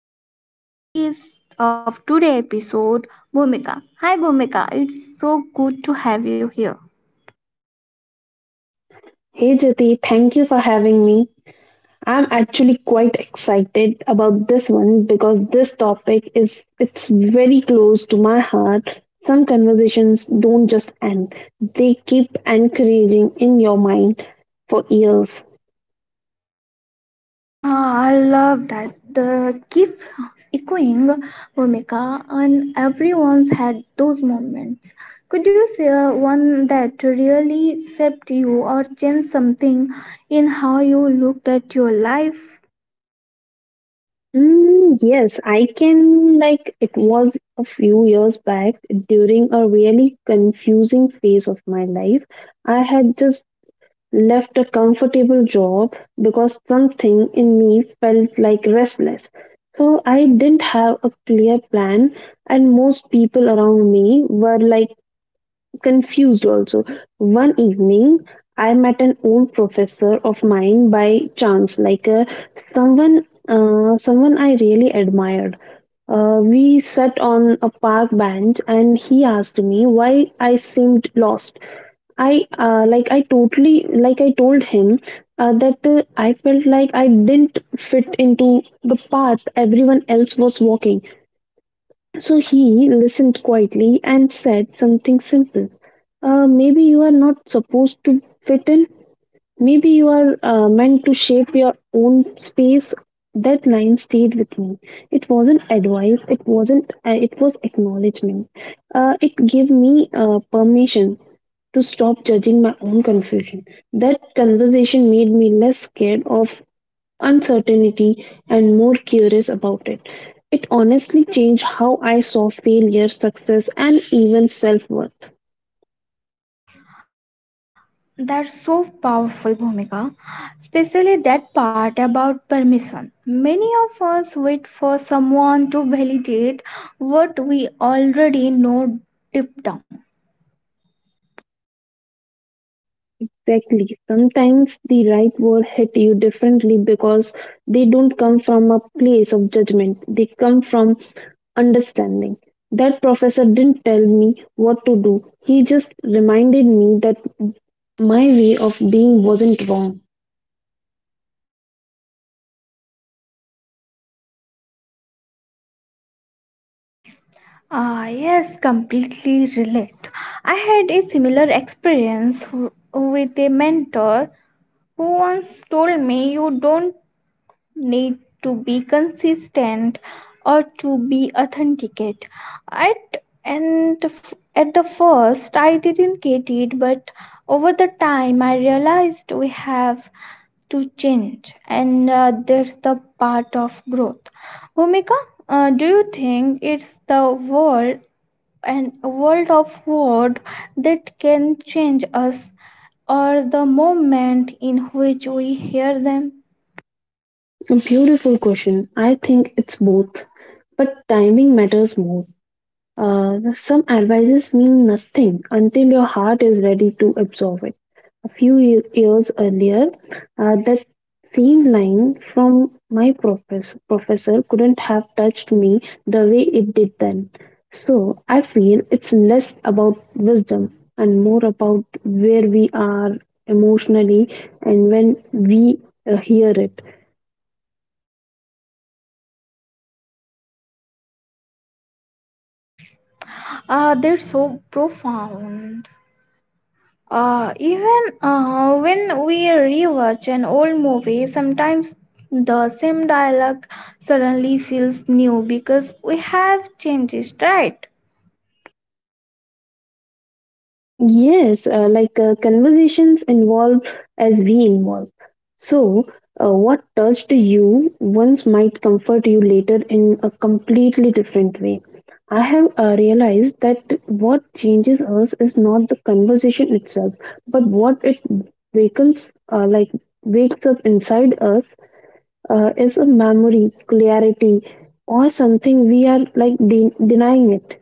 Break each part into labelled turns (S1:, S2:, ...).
S1: friend and guest of today's episode, Bhumika. Hi, Bhumika, it's so good to have you here.
S2: Hey Jyoti, thank you for having me. I'm actually quite excited about this one because this topic is it's very close to my heart. Some conversations don't just end. They keep encouraging in your mind for years.
S1: Ah, I love that. The keeps echoing, Omeka, and everyone's had those moments. Could you share one that really shaped you or changed something in how you looked at your life?
S2: Mm, yes, I can. Like, it was a few years back during a really confusing phase of my life. I had just left a comfortable job because something in me felt like restless. So I didn't have a clear plan, and most people around me were like confused also. One evening, I met an old professor of mine by chance, like someone, someone I really admired. We sat on a park bench, and he asked me why I seemed lost. I like I totally like I told him that I felt like I didn't fit into the path everyone else was walking. So he listened quietly and said something simple. Maybe you are not supposed to fit in. Maybe you are meant to shape your own space. That line stayed with me. It wasn't advice. It wasn't. It was acknowledgement. It gave me permission to stop judging my own confusion. That conversation made me less scared of uncertainty and more curious about it. It honestly changed how I saw failure, success, and even self worth.
S1: That's so powerful, Bhumika, especially that part about permission. Many of us wait for someone to validate what we already know deep down.
S2: Exactly. Sometimes the right word hit you differently because they don't come from a place of judgment, they come from understanding. That professor didn't tell me what to do, he just reminded me that my way of being wasn't wrong.
S1: Ah, yes, completely relate. I had a similar experience with a mentor who once told me you don't need to be consistent or to be authenticate. At the first, I didn't get it, but over the time, I realized we have to change, and there's the part of growth. Bhumika, do you think it's the world and a world of word that can change us or the moment in which we hear them.
S2: A beautiful question. I think it's both, but timing matters more. Some advices mean nothing until your heart is ready to absorb it. A few years earlier, that same line from my professor couldn't have touched me the way it did then. So I feel it's less about wisdom and more about where we are emotionally and when we hear it.
S1: Ah, they're so profound. Even when we rewatch an old movie, sometimes the same dialogue suddenly feels new because we have changed it, right?
S2: Yes, conversations involve as we involve. So, what touched you once might comfort you later in a completely different way. I have realized that what changes us is not the conversation itself, but what it wakens, like wakes up inside us, is a memory, clarity, or something we are denying it.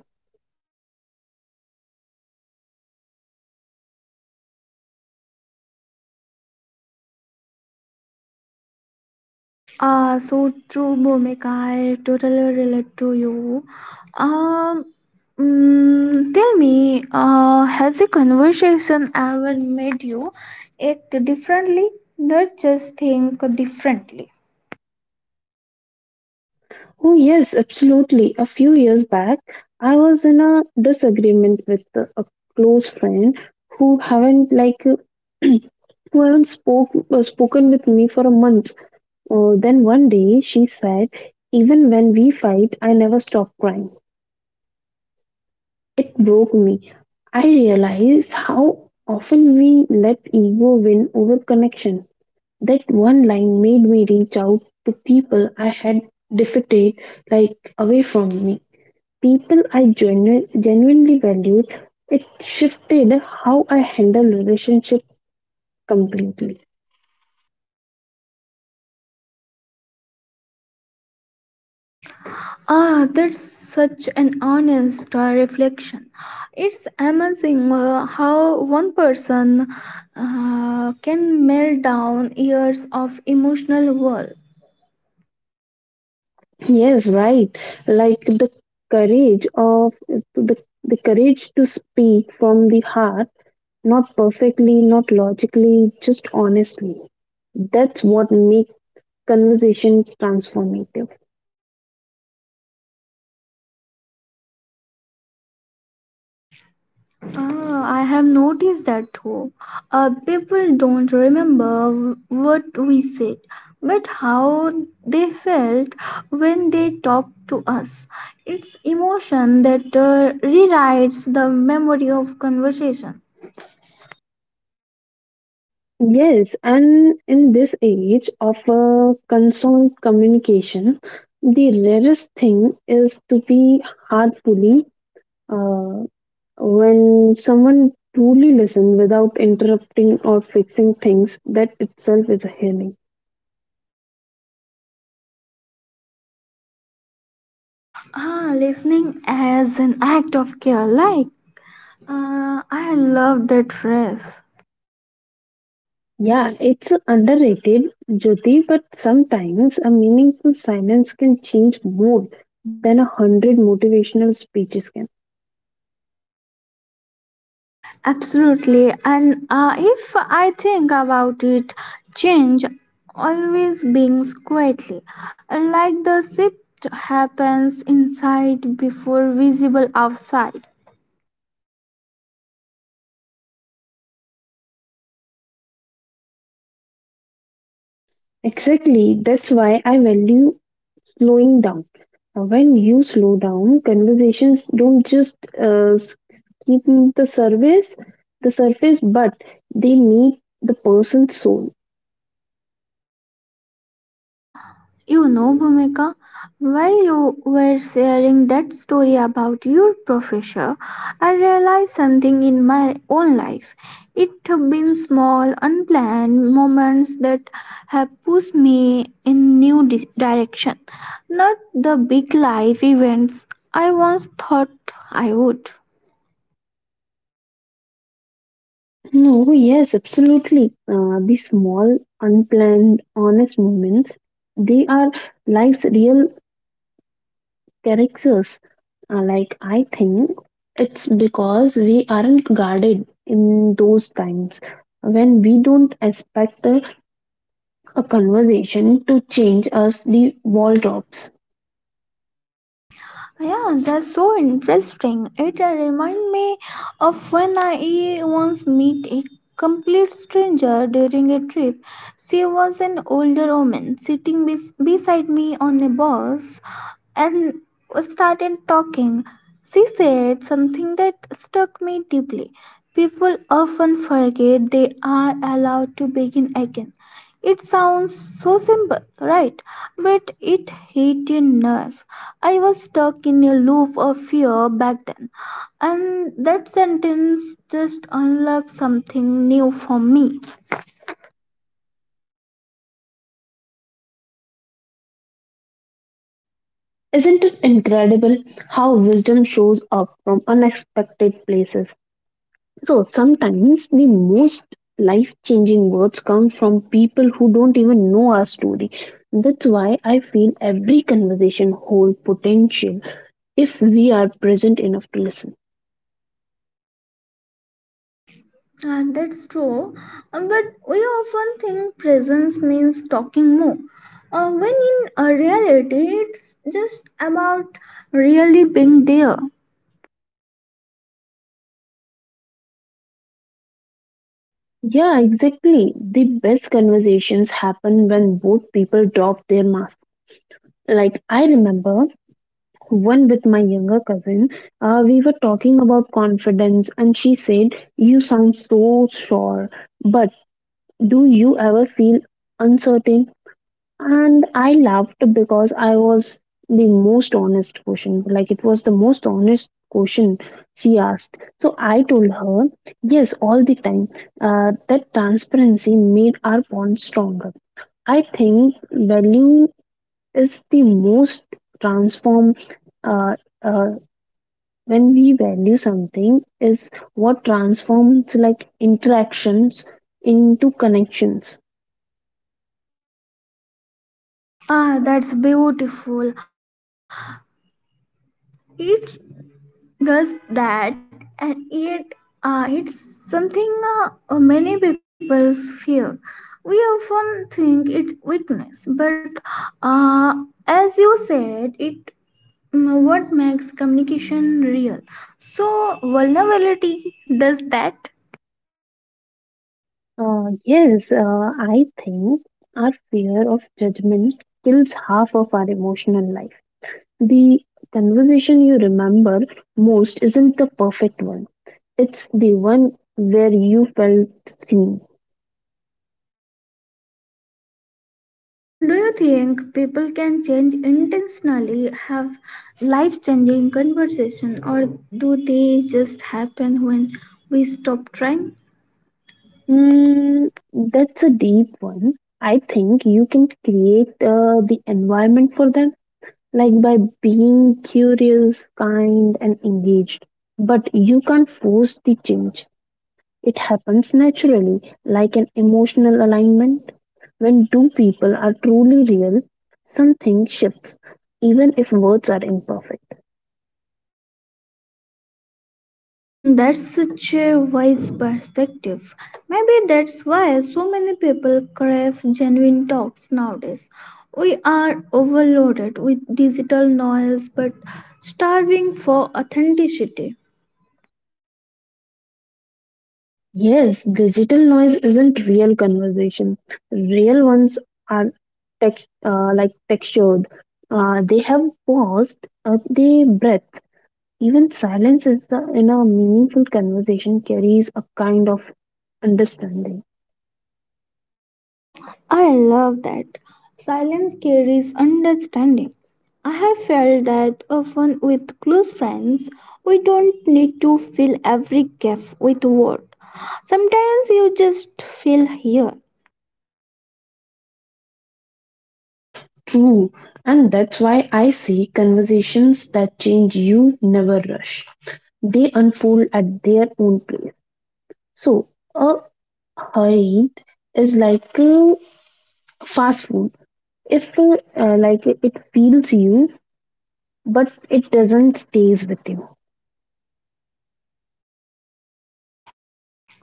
S1: So true, Bhumika. I totally relate to you. Um, tell me, has a conversation ever made you act differently, not just think differently?
S2: Oh, yes, absolutely. A few years back, I was in a disagreement with a close friend who haven't like who haven't spoken with me for a month. Then one day she said, "Even when we fight, I never stop crying." It broke me. I realized how often we let ego win over connection. That one line made me reach out to people I had defeated, like away from me, people I genuinely valued. It shifted how I handle relationship completely.
S1: Ah, that's such an honest reflection. It's amazing how one person can melt down years of emotional wall.
S2: Yes, right. Like courage of the, the courage to speak from the heart, not perfectly, not logically, just honestly. That's what makes conversation transformative.
S1: Ah, I have noticed that too. People don't remember what we said, but how they felt when they talked to us. It's emotion that rewrites the memory of conversation.
S2: Yes, and in this age of constant communication, the rarest thing is to be heartfully uh, when someone truly listens without interrupting or fixing things. That itself is a healing.
S1: Ah, listening as an act of care, like. I love that phrase.
S2: Yeah, it's underrated, Jyoti, but sometimes a meaningful silence can change more than a hundred motivational speeches can.
S1: Absolutely. And if I think about it, change always brings quietly, like the shift happens inside before visible outside.
S2: Exactly. That's why I value slowing down. When you slow down, conversations don't just keep the surface, the surface, but they meet the person's soul.
S1: You know, Bhumika, while you were sharing that story about your professor, I realized something in my own life. It have been small, unplanned moments that have pushed me in new direction, not the big life events I once thought I would.
S2: No, yes, absolutely. These small, unplanned, honest moments, they are life's real characters. Like I think it's because we aren't guarded in those times when we don't expect a conversation to change us the wardrobes.
S1: Yeah, that's so interesting. It reminds me of when I once met a complete stranger during a trip. She was an older woman sitting beside me on a bus and started talking. She said something that struck me deeply. People often forget they are allowed to begin again. It sounds so simple, right? But it hit a nerve. I was stuck in a loop of fear back then, and that sentence just unlocked something new for me.
S2: Isn't it incredible how wisdom shows up from unexpected places? So sometimes the most life changing words come from people who don't even know our story. That's why I feel every conversation holds potential if we are present enough to listen.
S1: And that's true, but we often think presence means talking more, when in reality, it's just about really being there.
S2: Yeah, exactly. The best conversations happen when both people drop their masks. Like, I remember one with my younger cousin. We were talking about confidence, and she said, "You sound so sure, but do you ever feel uncertain?" And I laughed because I was the most honest question. Like, it was the most honest question she asked. So I told her, "Yes, all the time." That transparency made our bond stronger. I think value is the most transform. Uh, uh, when we value something is what transforms like interactions into connections.
S1: Ah, that's beautiful. It's does that, and yet it's something many people fear. We often think it's weakness, but uh, as you said it, mm, what makes communication real, so vulnerability does that.
S2: Yes, I think our fear of judgment kills half of our emotional life. The conversation you remember most isn't the perfect one, it's the one where you felt seen.
S1: Do you think people can change intentionally, have life changing conversation, or do they just happen when we stop trying?
S2: Hmm, that's a deep one. I think you can create the environment for them, like by being curious, kind, and engaged. But you can't force the change. It happens naturally, like an emotional alignment. When two people are truly real, something shifts, even if words are imperfect.
S1: Mm, that's such a wise perspective. Maybe that's why so many people crave genuine talks nowadays. We are overloaded with digital noise but starving for authenticity.
S2: Yes, digital noise isn't real conversation. Real ones are text, like textured. They have paused, they breath. Even silence is the, in a meaningful conversation carries a kind of understanding.
S1: I love that. Silence carries understanding. I have felt that often with close friends, we don't need to fill every gap with words. Sometimes you just feel here.
S2: True. And that's why I say conversations that change you never rush. They unfold at their own pace. So, a hurry is like fast food. If like it feels you, but it doesn't stays with you.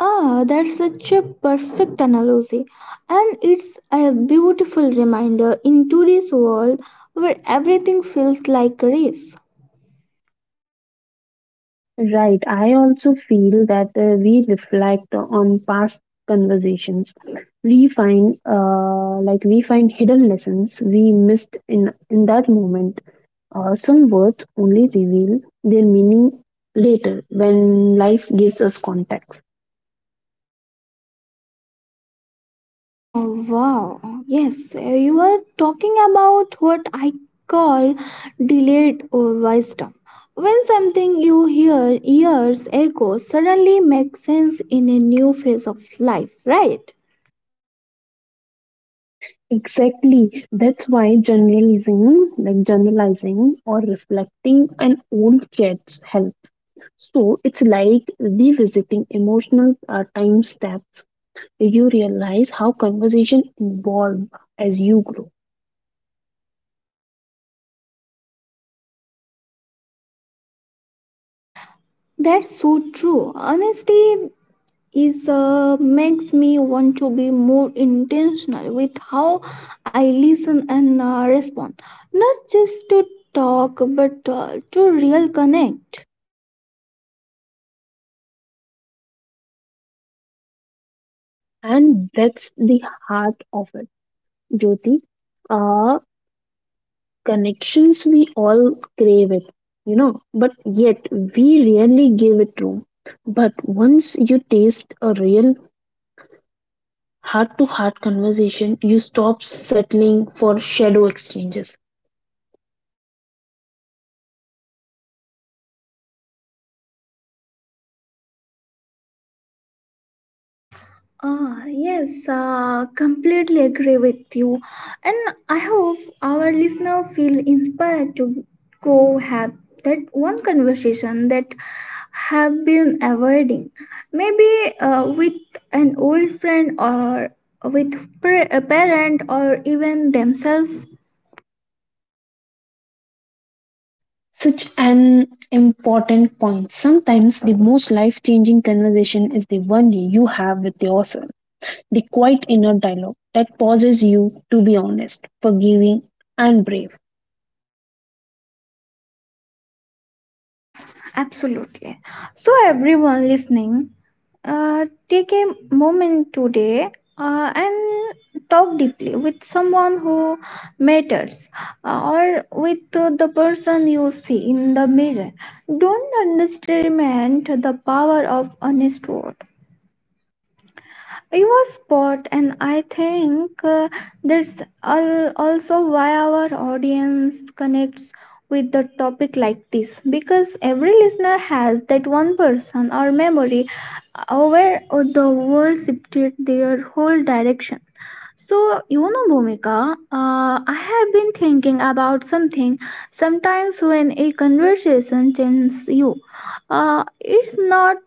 S1: Ah, that's such a perfect analogy, and it's a beautiful reminder in today's world where everything feels like a race.
S2: Right. I also feel that we reflect on past conversations. We find hidden lessons we missed in that moment. Some words only reveal their meaning later when life gives us context.
S1: Oh, wow. Yes, you are talking about what I call delayed wisdom. When something you hear years ago suddenly makes sense in a new phase of life, right?
S2: Exactly. That's why generalizing or reflecting an old cat's help. So it's like revisiting emotional time steps. You realize how conversation evolve as you grow.
S1: That's so true. Honesty is makes me want to be more intentional with how I listen and respond, not just to talk but to real connect.
S2: And that's the heart of it, Jyoti. uh Connections we all crave it, you know, but yet we rarely give it room. But once you taste a real heart to heart conversation, you stop settling for shadow exchanges.
S1: Ah, yes, completely agree with you. And I hope our listener feel inspired to go have that one conversation that have been avoiding. Maybe with an old friend or with a parent or even themselves.
S2: Such an important point. Sometimes the most life changing conversation is the one you have with yourself. The quiet inner dialogue that pauses you to be honest, forgiving, and brave.
S1: Absolutely. So, everyone listening, take a moment today and talk deeply with someone who matters, or with the person you see in the mirror. Don't underestimate the power of honest word. It was spot, and I think that's also why our audience connects with the topic like this, because every listener has that one person or memory where the world shifted their whole direction. So, you know, Bhumika, I have been thinking about something. Sometimes when a conversation changes you, it's not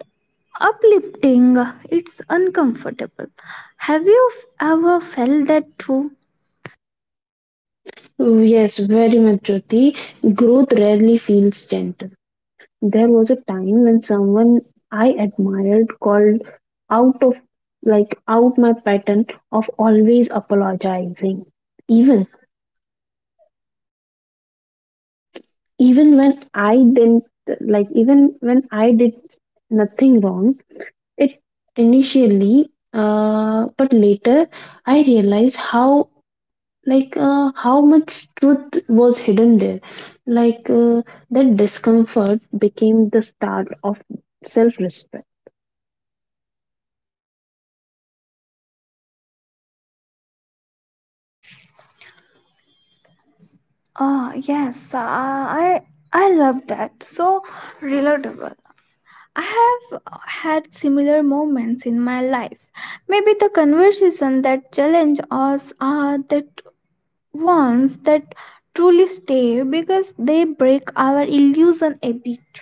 S1: Uplifting, it's uncomfortable. Have you ever felt that too?
S2: Yes, very much, Jyoti. Growth rarely feels gentle. There was a time when someone I admired called out of out my pattern of always apologizing. Even even when I didn't even when I did nothing wrong, it initially but later I realized how much truth was hidden there. like uh, that discomfort became the start of self respect.
S1: Ah, yes, I love that. So relatable. I have had similar moments in my life. Maybe the conversation that challenge us are that ones that truly stay because they break our illusion a bit.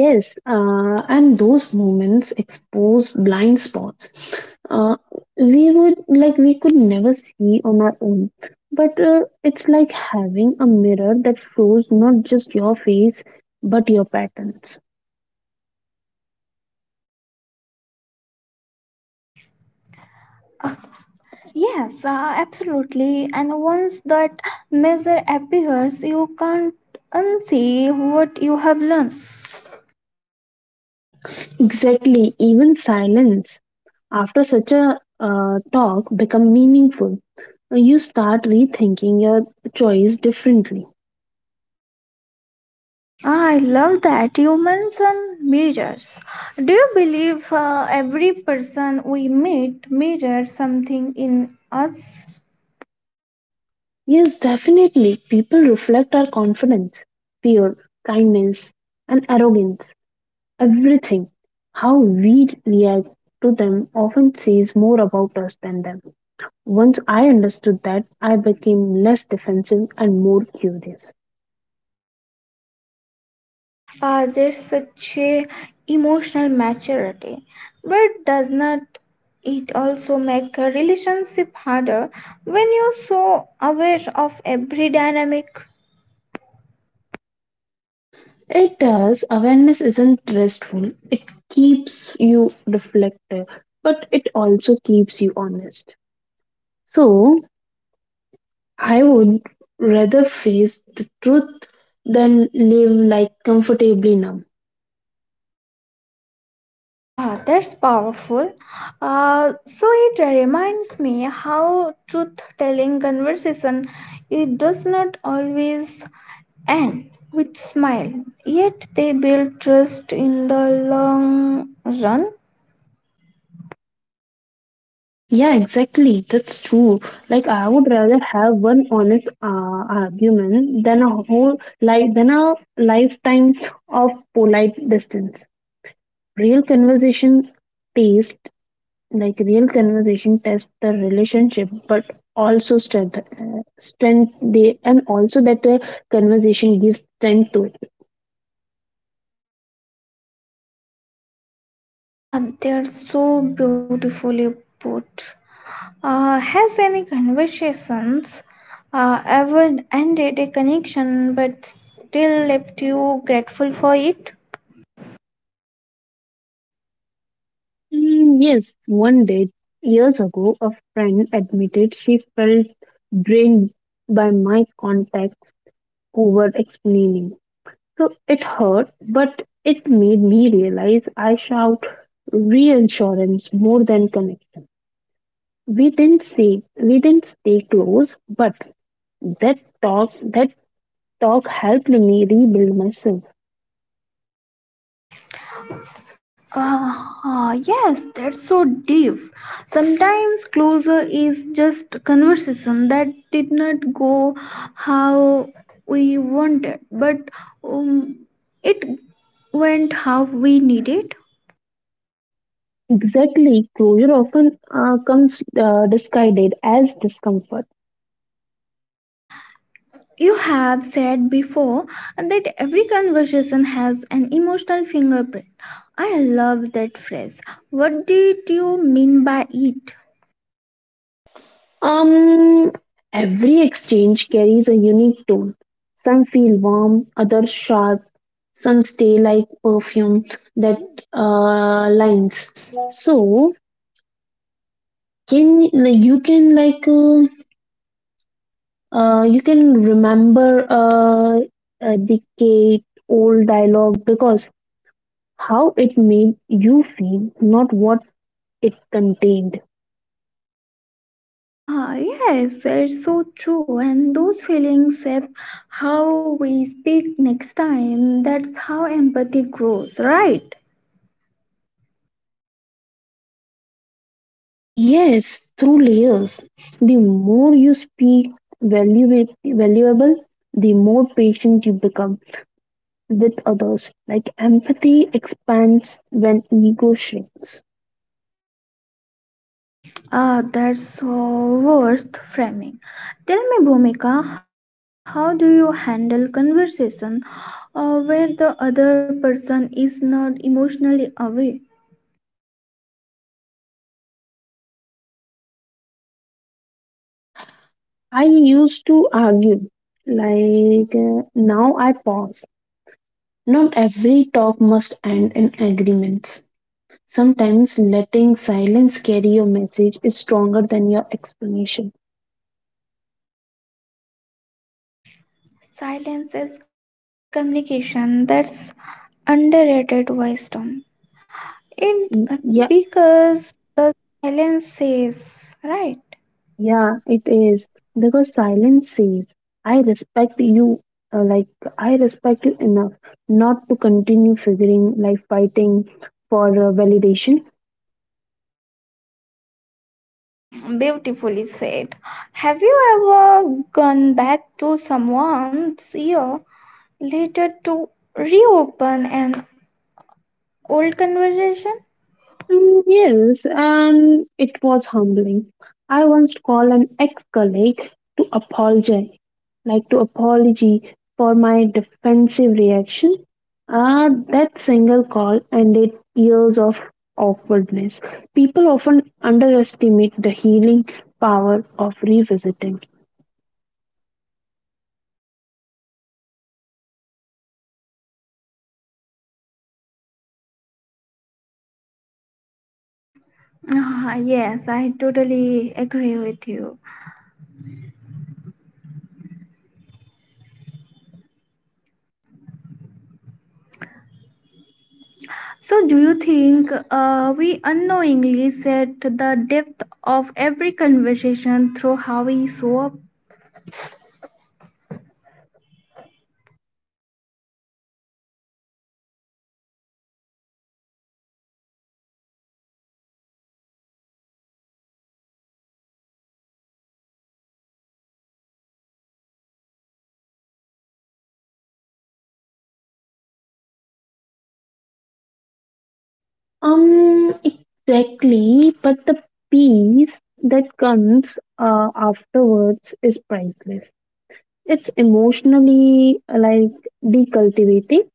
S2: Yes, and those moments expose blind spots uh, we would like we could never see on our own. But it's like having a mirror that shows not just your face but your patterns.
S1: Yes, absolutely. And once that measure appears, you can't unsee what you have learned.
S2: Exactly, even silence after such a talk become meaningful. You start rethinking your choice differently.
S1: I love that you mention mirrors. Do you believe every person we meet mirrors something in us?
S2: Yes, definitely, people reflect our confidence, fear, kindness, and arrogance. Everything, how we react to them, often says more about us than them. Once I understood that, I became less defensive and more curious.
S1: There's such a emotional maturity, but does not it also make a relationship harder when you're so aware of every dynamic?
S2: It does. Awareness isn't restful. It keeps you reflective, but it also keeps you honest. So I would rather face the truth than live like comfortably numb.
S1: Ah, that's powerful. So it reminds me how truth-telling conversation it does not always end with smile, yet they build trust in the long run.
S2: Yeah, exactly. That's true. Like I would rather have one honest argument than a lifetime of polite distance. Real conversation tastes Real conversation tests the relationship but also strength strength the and also that conversation gives strength to it.
S1: Ah, they're so beautifully put. Has any conversations ever ended a connection but still left
S2: Mm, yes, one day years ago a friend admitted she felt drained by my contacts over explaining. So it hurt, but it made me realize I shout reassurance more than connection. We didn't stay close, but that talk helped me rebuild myself. Exactly, closure often comes disguised as discomfort. Um, every exchange carries a unique tone. Some feel warm, others sharp, some stay like perfume that lines. So can you can like you can remember a decade old dialogue because how it made you feel, not what it contained. Yes, through layers. The more you speak valuable, the more patient you become with others. Like empathy expands when ego shrinks. I used to argue, now I pause. Not every talk must end in agreements. Sometimes letting silence carry your message is stronger than your explanation. Y- Yeah, it is because silence says, I respect you, uh, like I respect you enough not to continue figuring, like fighting for validation. Mm, yes, and it was humbling. I once called an ex-colleague to apologize, like to apology for my defensive reaction. Ah, that single call ended years of awkwardness. People often underestimate the healing power of revisiting. Exactly, but the peace that comes afterwards is priceless. It's emotionally decultivating.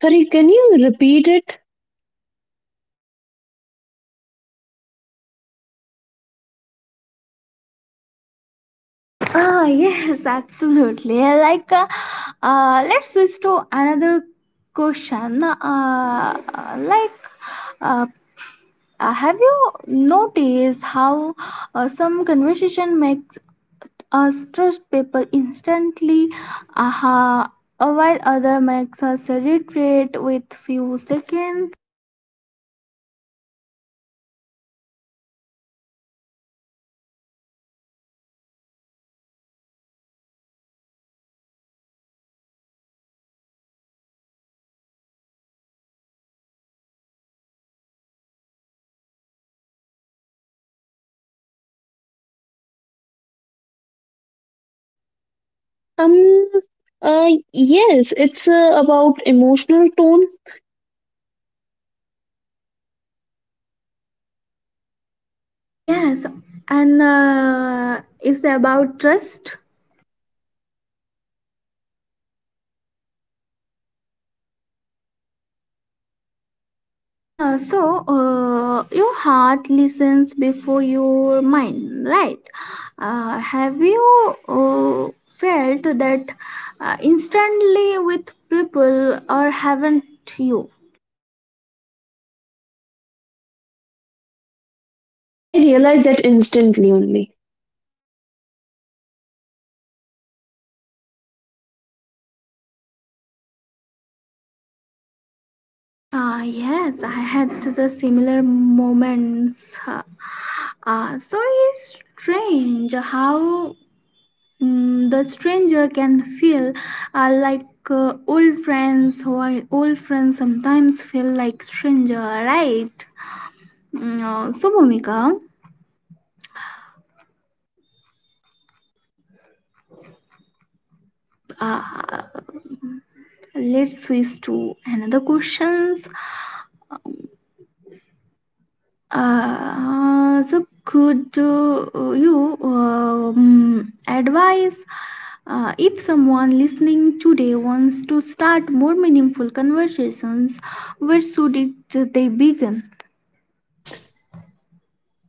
S2: Sorry, can you repeat it? Um, yes, it's about emotional tone. I realized that instantly only.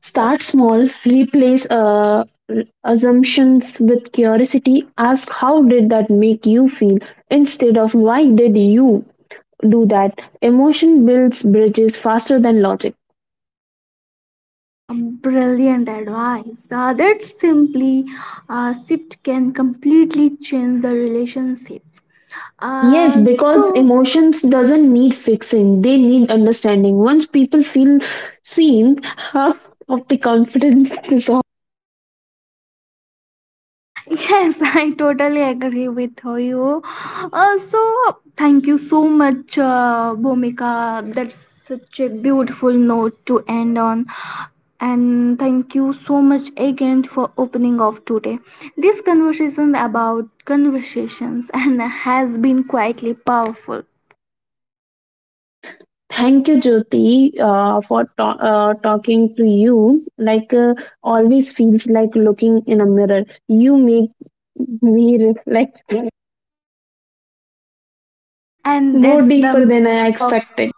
S2: Start small, replace assumptions with curiosity. Ask how did that make you feel instead of why did you do that. Emotion builds bridges faster than logic. Yes, because emotions doesn't need fixing. They need understanding. Once people feel seen, half of the confidence is thank you, Jyoti, for talking to you. Always feels like looking in a mirror. You make me reflect more deeper than I expected.